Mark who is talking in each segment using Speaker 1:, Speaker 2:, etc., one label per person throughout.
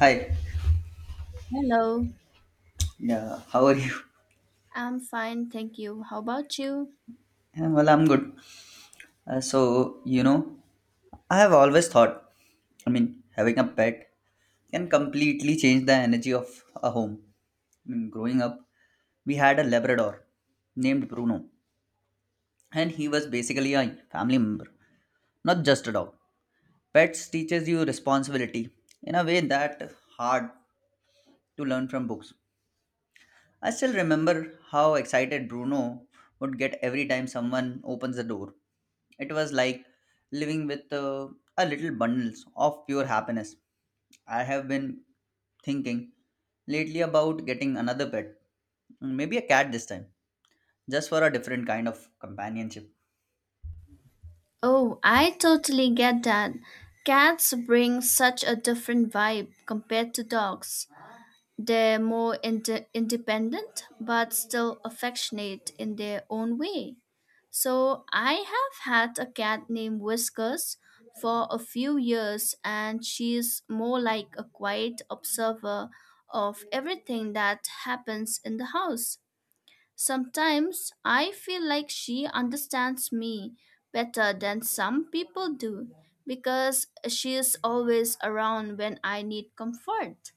Speaker 1: Hi,
Speaker 2: Hello,
Speaker 1: yeah, how are you?
Speaker 2: I'm fine, thank you. How about you?
Speaker 1: Yeah, well, I'm good. Uh, so, you know, I have always thought, I mean, having a pet can completely change the energy of a home. I mean, growing up, we had a Labrador named Bruno, and he was basically a family member, not just a dog. Pets teaches you responsibility in a way that hard to learn from books. I still remember how excited Bruno would get every time someone opens the door. It was like living with a little bundles of pure happiness. I have been thinking lately about getting another pet, maybe a cat this time, just for a different kind of companionship.
Speaker 2: Oh, I totally get that. Cats bring such a different vibe compared to dogs. They're more independent but still affectionate in their own way. So, I have had a cat named Whiskers for a few years, and she's more like a quiet observer of everything that happens in the house. Sometimes I feel like she understands me better than some people do because she is always around when I need comfort.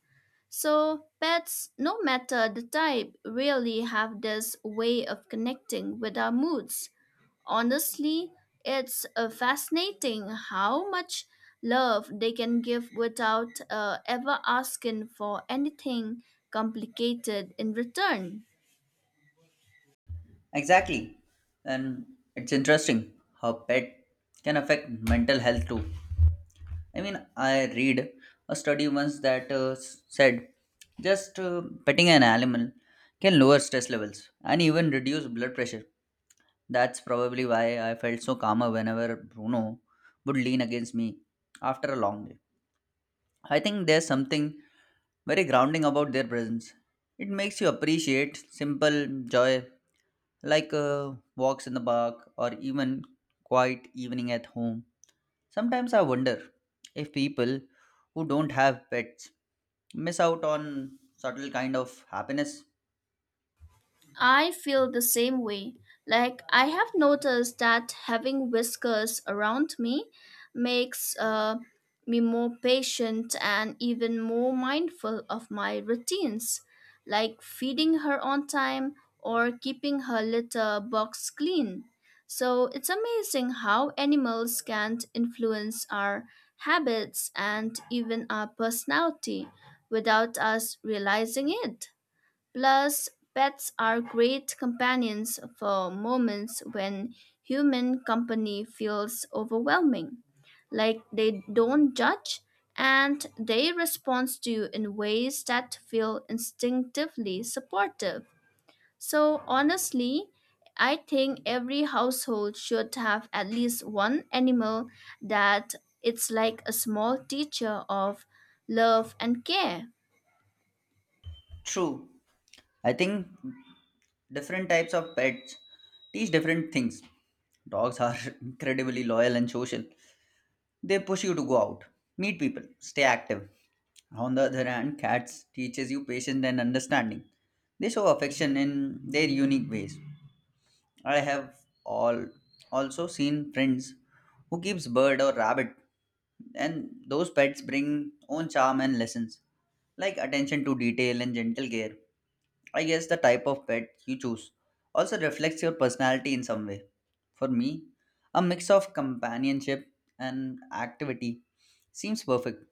Speaker 2: So, pets, no matter the type, really have this way of connecting with our moods. Honestly, it's fascinating how much love they can give without ever asking for anything complicated in return.
Speaker 1: Exactly. And it's interesting how pet can affect mental health too. I mean, I read a study once that said just petting an animal can lower stress levels and even reduce blood pressure. That's probably why I felt so calmer whenever Bruno would lean against me after a long day. I think there's something very grounding about their presence. It makes you appreciate simple joy like walks in the park or even quiet evening at home. Sometimes I wonder if people who don't have pets miss out on subtle kind of happiness.
Speaker 2: I feel the same way. Like, I have noticed that having whiskers around me makes me more patient and even more mindful of my routines, like feeding her on time or keeping her litter box clean. So, it's amazing how animals can influence our habits and even our personality without us realizing it. Plus, pets are great companions for moments when human company feels overwhelming. Like they don't judge and they respond to you in ways that feel instinctively supportive. So, honestly, I think every household should have at least one animal that it's like a small teacher of love and care.
Speaker 1: True. I think different types of pets teach different things. Dogs are incredibly loyal and social. They push you to go out, meet people, stay active. On the other hand, cats teaches you patience and understanding. They show affection in their unique ways. I have all also seen friends who keeps bird or rabbit, and those pets bring own charm and lessons like attention to detail and gentle care. I guess the type of pet you choose also reflects your personality in some way. For me, a mix of companionship and activity seems perfect,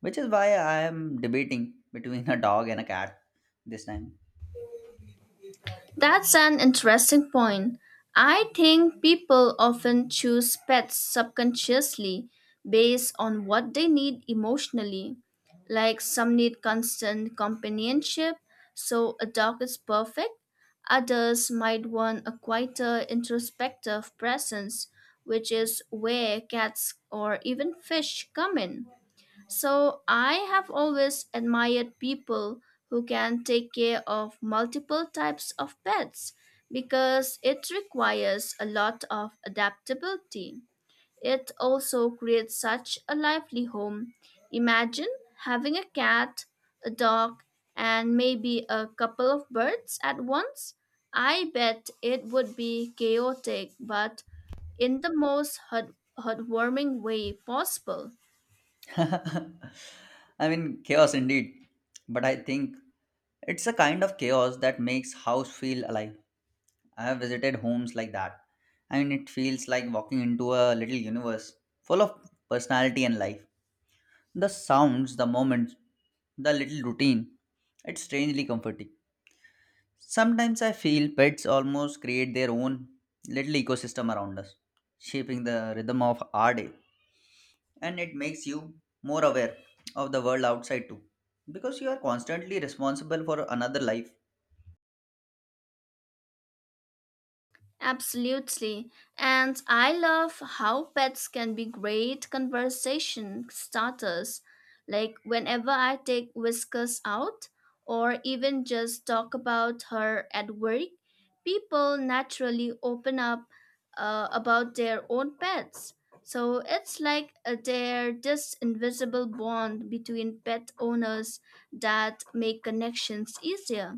Speaker 1: which is why I am debating between a dog and a cat this time.
Speaker 2: That's an interesting point. I think people often choose pets subconsciously based on what they need emotionally. Like some need constant companionship, so a dog is perfect. Others might want a quieter, introspective presence, which is where cats or even fish come in. So I have always admired people who can take care of multiple types of pets because it requires a lot of adaptability. It also creates such a lively home. Imagine having a cat, a dog, and maybe a couple of birds at once. I bet it would be chaotic, but in the most heartwarming way possible.
Speaker 1: I mean, chaos indeed, but I think it's a kind of chaos that makes house feel alive. I have visited homes like that. I mean, it feels like walking into a little universe full of personality and life. The sounds, the moments, the little routine. It's strangely comforting. Sometimes I feel pets almost create their own little ecosystem around us, shaping the rhythm of our day. And it makes you more aware of the world outside too, because you are constantly responsible for another life.
Speaker 2: Absolutely. And I love how pets can be great conversation starters. Like whenever I take Whiskers out or even just talk about her at work, people naturally open up about their own pets. So it's like there this invisible bond between pet owners that make connections easier.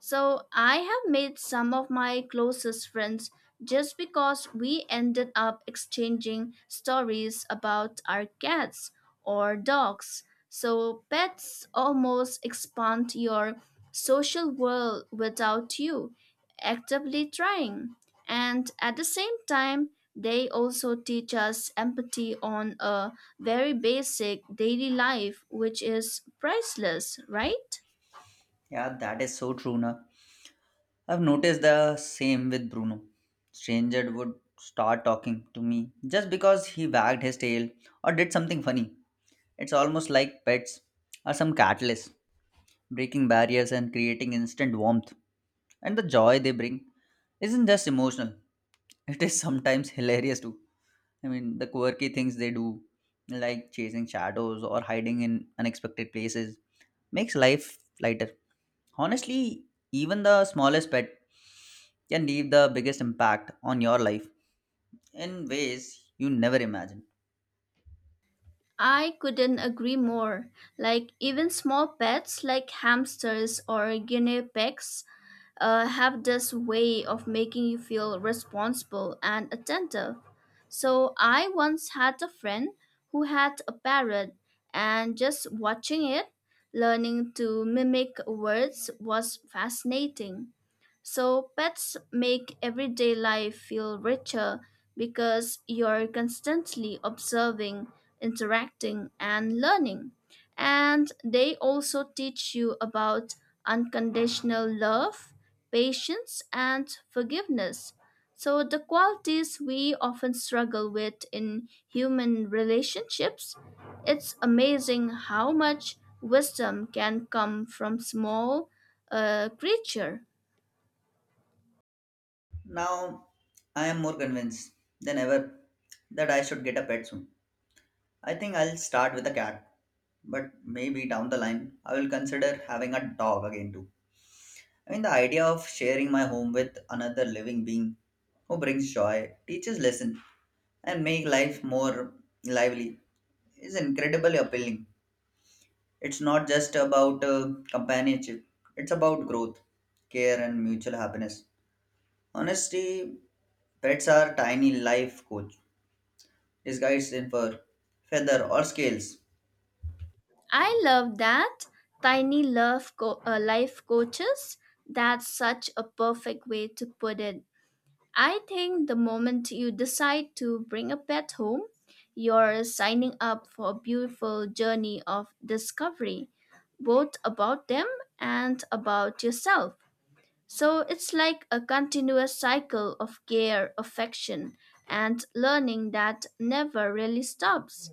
Speaker 2: So I have made some of my closest friends just because we ended up exchanging stories about our cats or dogs. So pets almost expand your social world without you actively trying. And at the same time, they also teach us empathy on a very basic daily life, which is priceless, right?
Speaker 1: Yeah, that is so true, na. I've noticed the same with Bruno. Stranger would start talking to me just because he wagged his tail or did something funny. It's almost like pets are some catalyst, breaking barriers and creating instant warmth. And the joy they bring isn't just emotional, it is sometimes hilarious too. I mean, the quirky things they do, like chasing shadows or hiding in unexpected places, makes life lighter. Honestly, even the smallest pet can leave the biggest impact on your life in ways you never imagined.
Speaker 2: I couldn't agree more. Like, even small pets like hamsters or guinea pigs have this way of making you feel responsible and attentive. So, I once had a friend who had a parrot, and just watching it, learning to mimic words was fascinating. So pets make everyday life feel richer because you're constantly observing, interacting, and learning. And they also teach you about unconditional love, patience, and forgiveness. So, the qualities we often struggle with in human relationships, it's amazing how much wisdom can come from small creature.
Speaker 1: Now, I am more convinced than ever that I should get a pet soon. I think I'll start with a cat, but maybe down the line I will consider having a dog again too. I mean, the idea of sharing my home with another living being who brings joy, teaches lessons, and make life more lively is incredibly appealing. It's not just about companionship; it's about growth, care, and mutual happiness. Honestly, pets are tiny life coach disguised in fur, feather, or scales.
Speaker 2: I love that. Life coaches. That's such a perfect way to put it. I think the moment you decide to bring a pet home, you're signing up for a beautiful journey of discovery, both about them and about yourself. So it's like a continuous cycle of care, affection, and learning that never really stops.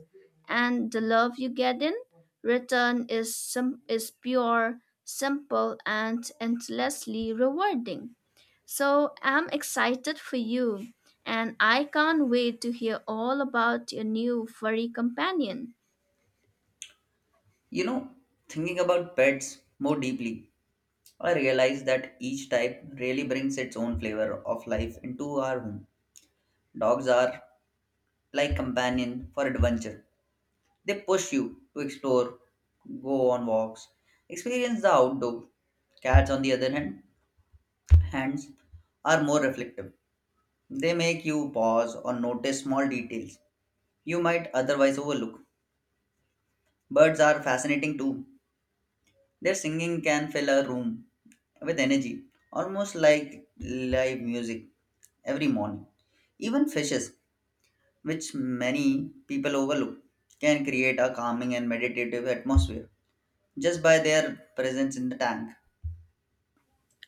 Speaker 2: And the love you get in return is pure, simple, and endlessly rewarding. So I'm excited for you, and I can't wait to hear all about your new furry companion.
Speaker 1: You know, thinking about pets more deeply, I realize that each type really brings its own flavor of life into our home. Dogs are like companion for adventure. They push you to explore, go on walks, experience the outdoor. Cats, on the other hand, hands are more reflective. They make you pause or notice small details you might otherwise overlook. Birds are fascinating too. Their singing can fill a room with energy, almost like live music every morning. Even fishes, which many people overlook, can create a calming and meditative atmosphere just by their presence in the tank.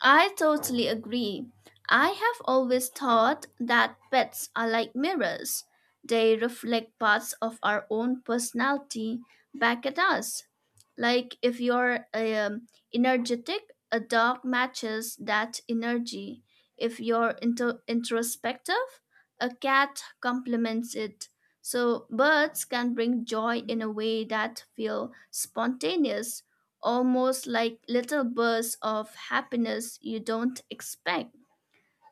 Speaker 2: I totally agree. I have always thought that pets are like mirrors. They reflect parts of our own personality back at us. Like if you're energetic, a dog matches that energy. If you're into introspective, a cat complements it. So birds can bring joy in a way that feel spontaneous almost like little bursts of happiness you don't expect.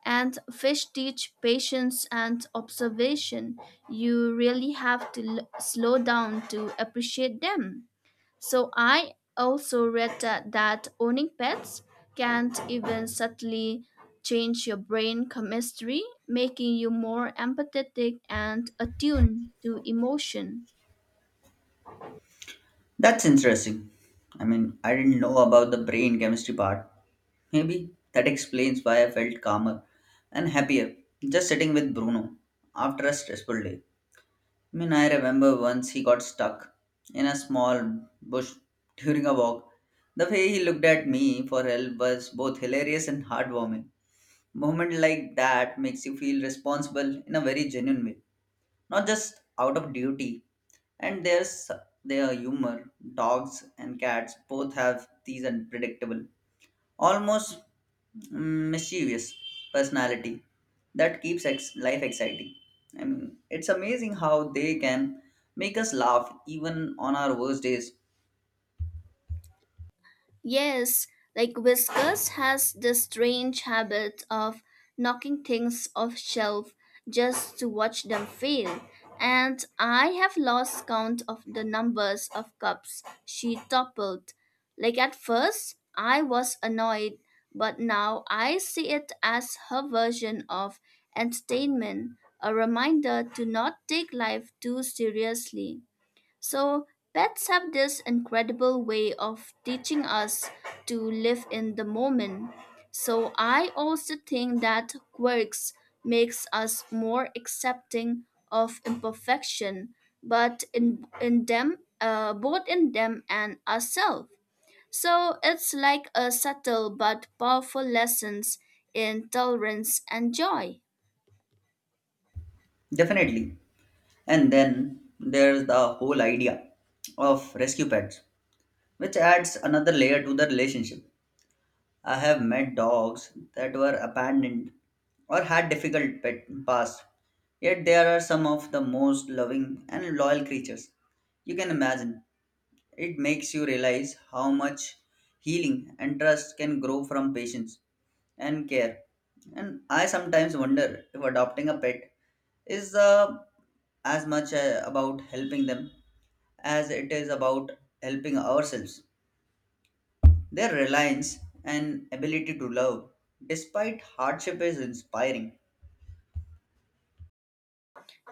Speaker 2: And fish teach patience and observation. You really have to slow down to appreciate them. So I also read that owning pets can even subtly change your brain chemistry, making you more empathetic and attuned to emotion.
Speaker 1: That's interesting. I mean, I didn't know about the brain chemistry part. Maybe that explains why I felt calmer and happier just sitting with Bruno after a stressful day. I mean, I remember once he got stuck in a small bush during a walk. The way he looked at me for help was both hilarious and heartwarming. Moment like that makes you feel responsible in a very genuine way, not just out of duty. And there's their humor. Dogs and cats both have these unpredictable, almost mischievous personality that keeps life exciting. I mean, it's amazing how they can make us laugh even on our worst days.
Speaker 2: Yes, like Whiskas has the strange habit of knocking things off shelf just to watch them fail, and I have lost count of the numbers of cups she toppled. Like at first, I was annoyed, but now I see it as her version of entertainment, a reminder to not take life too seriously. So, pets have this incredible way of teaching us to live in the moment. So, I also think that quirks makes us more accepting of imperfection, but in them, both in them and ourselves. So, it's like a subtle but powerful lessons in tolerance and joy.
Speaker 1: Definitely. And then there's the whole idea of rescue pets, which adds another layer to the relationship. I have met dogs that were abandoned or had difficult pet past, yet they are some of the most loving and loyal creatures you can imagine. It makes you realize how much healing and trust can grow from patience and care. And I sometimes wonder if adopting a pet is as much about helping them as it is about helping ourselves. Their reliance and ability to love despite hardship is inspiring.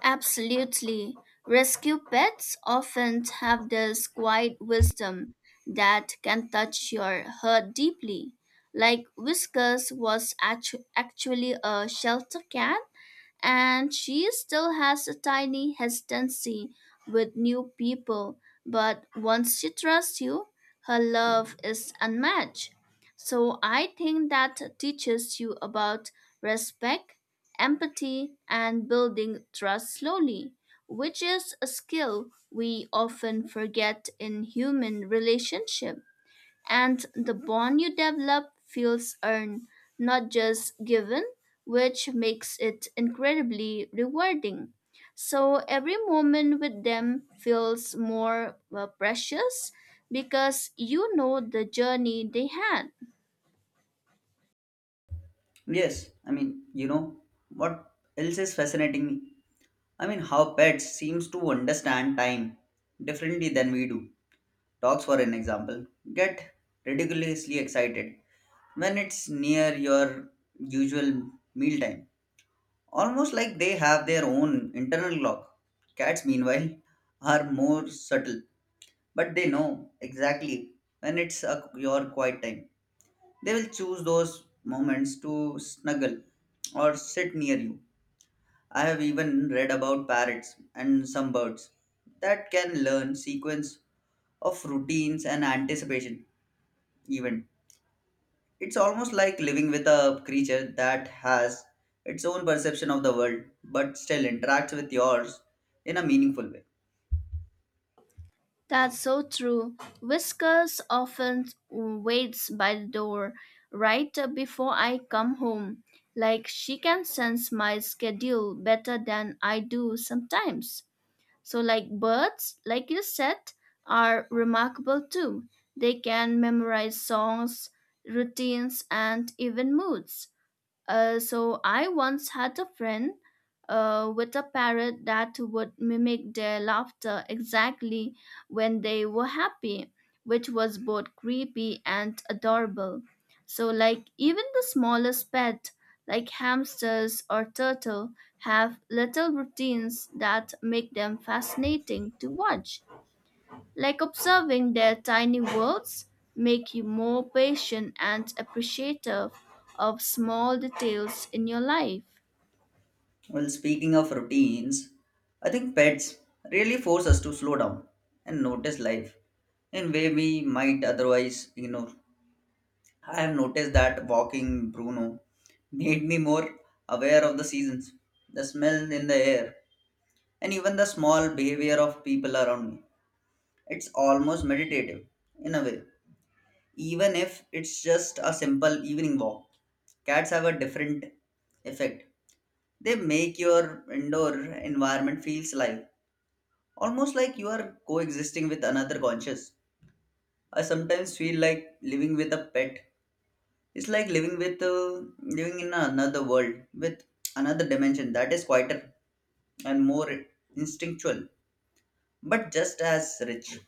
Speaker 2: Absolutely. Rescue pets often have this quiet wisdom that can touch your heart deeply. Like Whiskers was actually a shelter cat and she still has a tiny hesitancy with new people, but once she trusts you, her love is unmatched. So I think that teaches you about respect, empathy, and building trust slowly, which is a skill we often forget in human relationship. And the bond you develop feels earned, not just given, which makes it incredibly rewarding. So every moment with them feels more precious because you know the journey they had.
Speaker 1: Yes, I mean, you know, what else is fascinating me? I mean, how pets seems to understand time differently than we do. Dogs, for an example, get ridiculously excited when it's near your usual mealtime, almost like they have their own internal clock. Cats, meanwhile, are more subtle, but they know exactly when it's a, your quiet time. They will choose those moments to snuggle or sit near you. I have even read about parrots and some birds that can learn sequence of routines and anticipation even. It's almost like living with a creature that has its own perception of the world but still interacts with yours in a meaningful way.
Speaker 2: That's so true. Whiskers often waits by the door right before I come home. Like she can sense my schedule better than I do sometimes. So, like birds, like you said, are remarkable too. They can memorize songs, routines, and even moods. So I once had a friend with a parrot that would mimic their laughter exactly when they were happy, which was both creepy and adorable. So, like, even the smallest pet, like hamsters or turtle, have little routines that make them fascinating to watch. Like observing their tiny worlds make you more patient and appreciative of small details in your life.
Speaker 1: Well, speaking of routines, I think pets really force us to slow down and notice life in way we might otherwise ignore. I have noticed that walking Bruno made me more aware of the seasons, the smell in the air, and even the small behavior of people around me. It's almost meditative in a way, even if it's just a simple evening walk. Cats have a different effect. They make your indoor environment feels live, almost like you are coexisting with another conscious. I sometimes feel like living with a pet. It's like living in another world with another dimension that is quieter and more instinctual, but just as rich.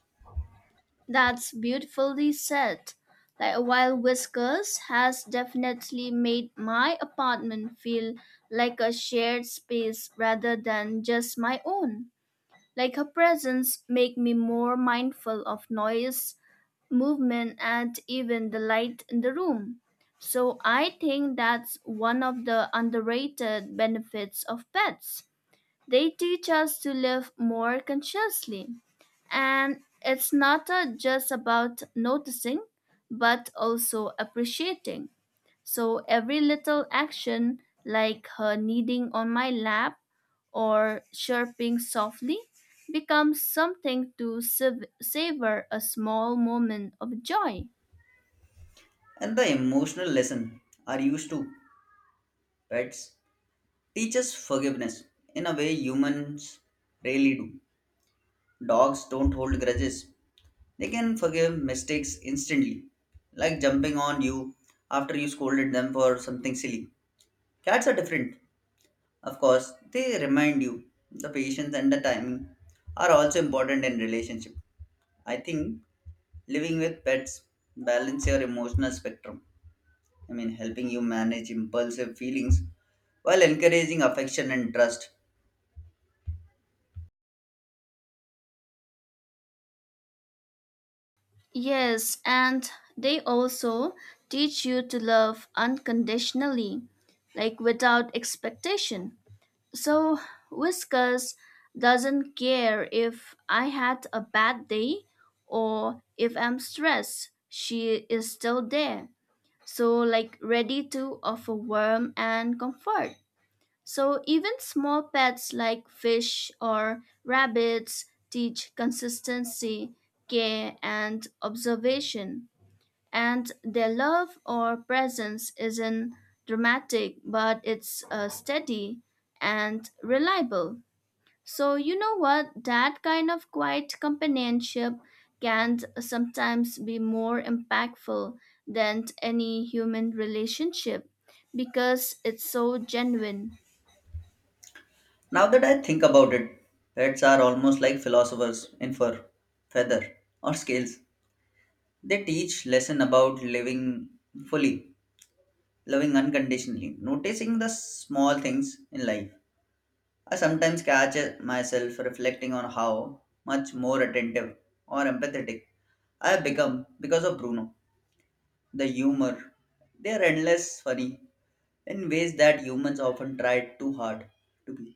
Speaker 2: That's beautifully said. Like wild Whiskers has definitely made my apartment feel like a shared space rather than just my own. Like her presence make me more mindful of noise, movement and even the light in the room. So I think that's one of the underrated benefits of pets. They teach us to live more consciously. And it's not just about noticing, but also appreciating. So every little action, like her kneading on my lap or chirping softly, becomes something to savor a small moment of joy.
Speaker 1: And the emotional lesson are used to pets teaches forgiveness in a way humans rarely do. Dogs don't hold grudges, they can forgive mistakes instantly, like jumping on you after you scolded them for something silly. Cats are different, of course, they remind you the patience and the timing are also important in relationship. I think living with pets balance your emotional spectrum. I mean helping you manage impulsive feelings while encouraging affection and trust.
Speaker 2: Yes, and they also teach you to love unconditionally, like without expectation. So, Whiskers doesn't care if I had a bad day or if I'm stressed, she is still there. So like ready to offer warmth and comfort. So even small pets like fish or rabbits teach consistency, care, and observation. And their love or presence isn't dramatic, but it's steady and reliable. So, you know what? That kind of quiet companionship can sometimes be more impactful than any human relationship because it's so genuine.
Speaker 1: Now that I think about it, pets are almost like philosophers in fur, feather, or scales. They teach lesson about living fully, loving unconditionally, noticing the small things in life. I sometimes catch myself reflecting on how much more attentive or empathetic I have become because of Bruno. The humor, they are endless funny in ways that humans often try too hard to be.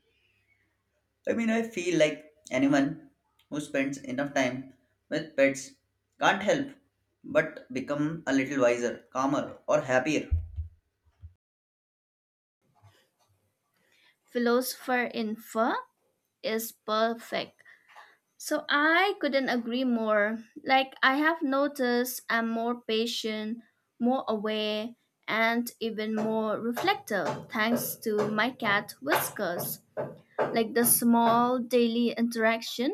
Speaker 1: I mean, I feel like anyone who spends enough time with pets can't help but become a little wiser, calmer, or happier.
Speaker 2: Philosopher in Fur is perfect. So, I couldn't agree more. Like, I have noticed I'm more patient, more aware, and even more reflective thanks to my cat Whiskers. Like, the small daily interaction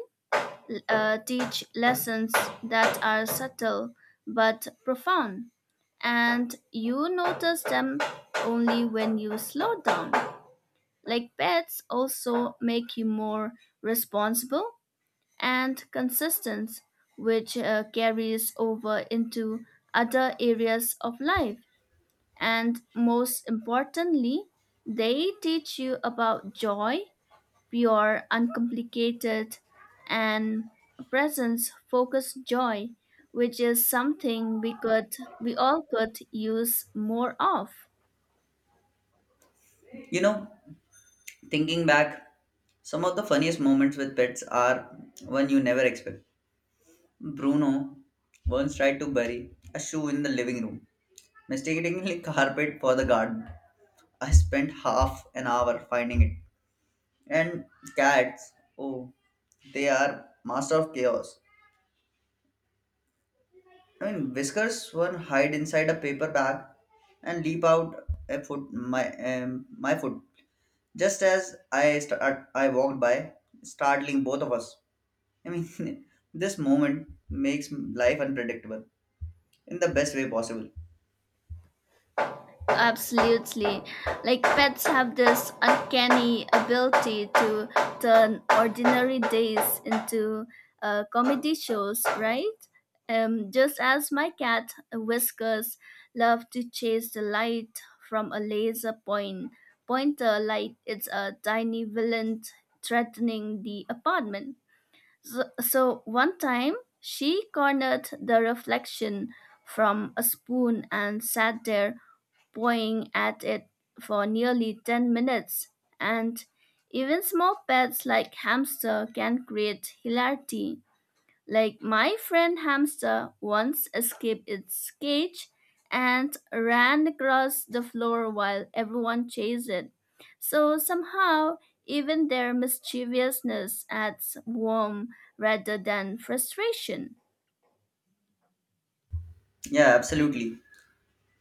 Speaker 2: teach lessons that are subtle but profound, and you notice them only when you slow down. Like pets, also make you more responsible and consistent, which carries over into other areas of life. And most importantly, they teach you about joy pure, uncomplicated, and presence focused joy, which is something we all could use more of.
Speaker 1: You know, thinking back, some of the funniest moments with pets are one you never expect. Bruno once tried to bury a shoe in the living room, mistakenly carpet for the garden. I spent half an hour finding it. And cats, oh, they are master of chaos. I mean, whiskers were hide inside a paper bag and leap out a foot my foot just as I walked by, startling both of us. I mean, this moment makes life unpredictable in the best way possible.
Speaker 2: Absolutely. Like pets have this uncanny ability to turn ordinary days into comedy shows, right? Just as my cat Whiskers love to chase the light from a laser point pointer like it's a tiny villain threatening the apartment. So one time she cornered the reflection from a spoon and sat there pawing at it for nearly 10 minutes, and even small pets like hamster can create hilarity. Like my friend hamster once escaped its cage and ran across the floor while everyone chased it. So somehow, even their mischievousness adds warmth rather than frustration.
Speaker 1: Yeah, absolutely.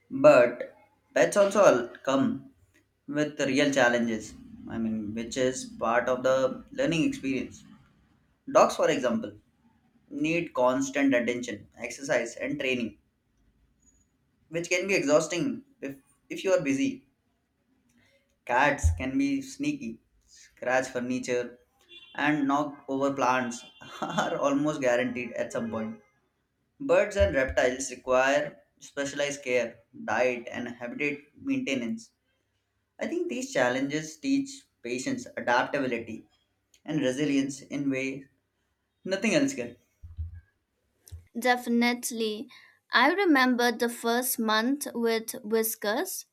Speaker 1: But come with real challenges. I mean, which is part of the learning experience. Dogs, for example, need constant attention, exercise, and training, which can be exhausting if you are busy. Cats can be sneaky, scratch furniture, and knock over plants are almost guaranteed at some point. Birds and reptiles require specialized care, diet, and habitat maintenance. I think these challenges teach patience, adaptability, and resilience in way nothing else can.
Speaker 2: Definitely. I remember the first month with Whiskers.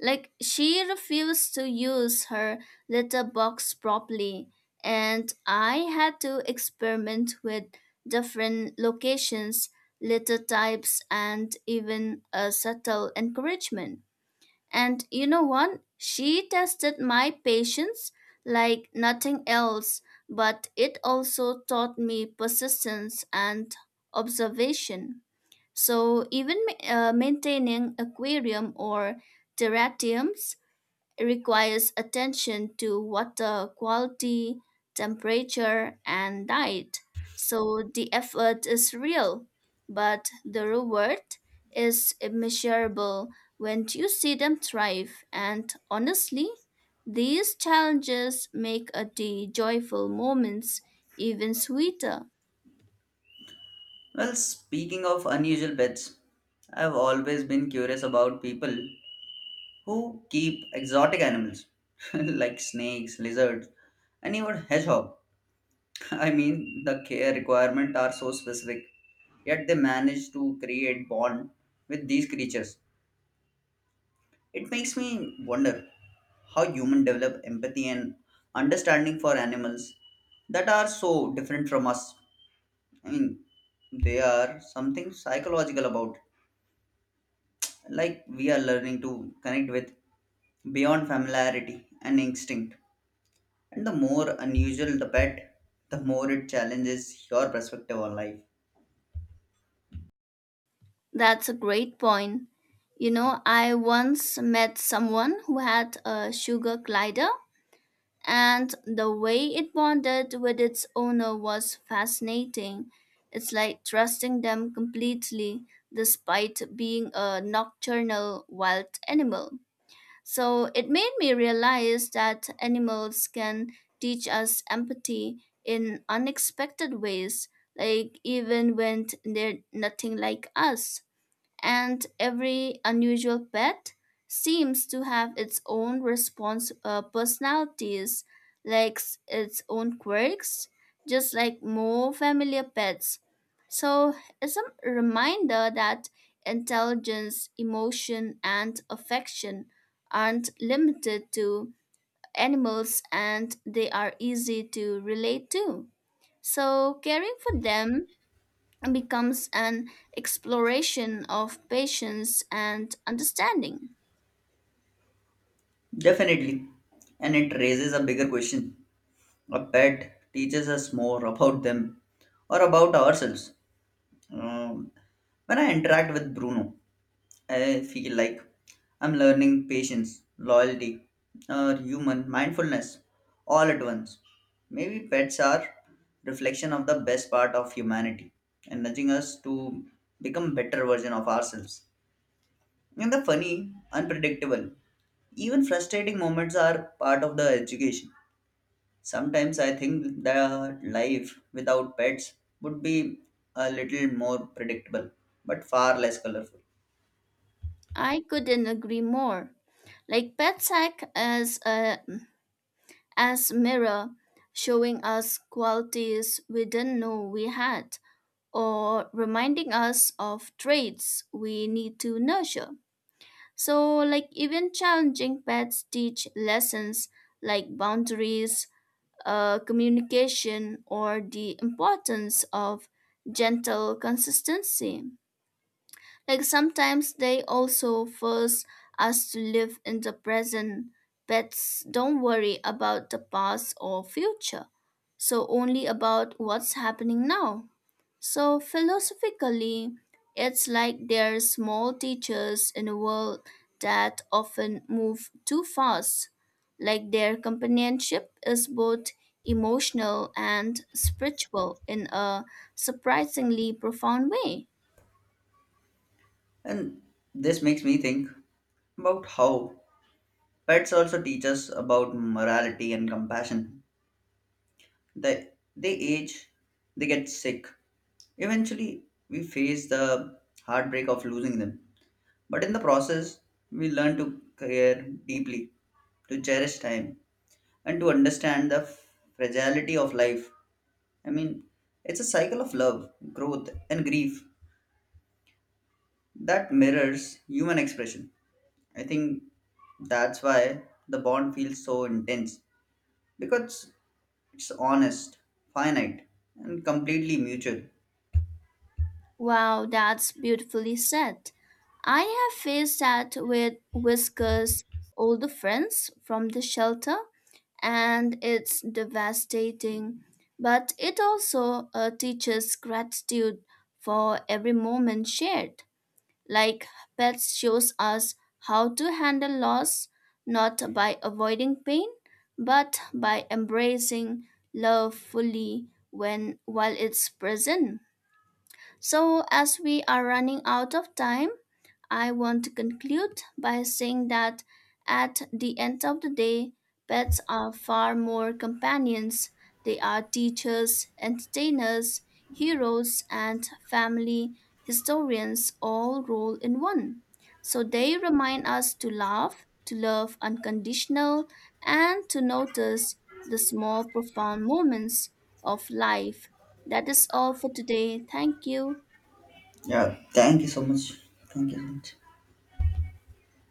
Speaker 2: Like she refused to use her litter box properly, and I had to experiment with different locations, litter types, and even a subtle encouragement. And you know what? She tested my patience like nothing else, but it also taught me persistence and observation. So even maintaining aquarium or terrariums it requires attention to water quality, temperature, and diet. So the effort is real, but the reward is immeasurable when you see them thrive. And honestly, these challenges make a day joyful moments even sweeter.
Speaker 1: Well, speaking of unusual pets, I've always been curious about people who keep exotic animals like snakes, lizards, and even hedgehog. I mean, the care requirements are so specific, yet they manage to create bond with these creatures. It makes me wonder how humans develop empathy and understanding for animals that are so different from us. I mean, they are something psychological about, like we are learning to connect with beyond familiarity and instinct. And the more unusual the pet, the more it challenges your perspective on life.
Speaker 2: That's a great point. You know, I once met someone who had a sugar glider and the way it bonded with its owner was fascinating. It's like trusting them completely despite being a nocturnal wild animal. So it made me realize that animals can teach us empathy in unexpected ways, like even when they're nothing like us and every unusual pet seems to have its own response personalities, its own quirks, just like more familiar pets. So it's a reminder that intelligence, emotion, and affection aren't limited to animals and they are easy to relate to. So caring for them becomes an exploration of patience and understanding.
Speaker 1: Definitely. And it raises a bigger question. A pet teaches us more about them or about ourselves. Um, when I interact with Bruno, I feel like I'm learning patience, loyalty, or human mindfulness all at once. Maybe pets are reflection of the best part of humanity and nudging us to become better version of ourselves. And the funny, unpredictable, even frustrating moments are part of the education. Sometimes I think the life without pets would be a little more predictable, but far less colorful.
Speaker 2: I couldn't agree more. Like pets act as a as mirror, showing us qualities we didn't know we had, or reminding us of traits we need to nurture. So, like even challenging pets teach lessons like boundaries, communication or the importance of gentle consistency. Like sometimes they also force us to live in the present. Pets don't worry about the past or future, so only about what's happening now. So philosophically, it's like they're small teachers in a world that often move too fast. Like their companionship is both emotional and spiritual in a surprisingly profound way.
Speaker 1: And this makes me think about how pets also teach us about morality and compassion. They, they age, they get sick. Eventually, we face the heartbreak of losing them. But in the process, we learn to care deeply, to cherish time, and to understand the fragility of life. I mean, it's a cycle of love, growth, and grief that mirrors human expression. I think that's why the bond feels so intense because it's honest, finite, and completely mutual.
Speaker 2: Wow, that's beautifully said. I have faced that with Whisker's older friends from the shelter, and it's devastating. But it also teaches gratitude for every moment shared. Like pets shows us how to handle loss, not by avoiding pain, but by embracing love fully when while it's present. So, as we are running out of time, I want to conclude by saying that at the end of the day, pets are far more companions. They are teachers, entertainers, heroes, and family historians, all rolled in one. So, they remind us to love unconditional, and to notice the small, profound moments of life. That is all for today. Thank you.
Speaker 1: Yeah, thank you so much. Thank you so much.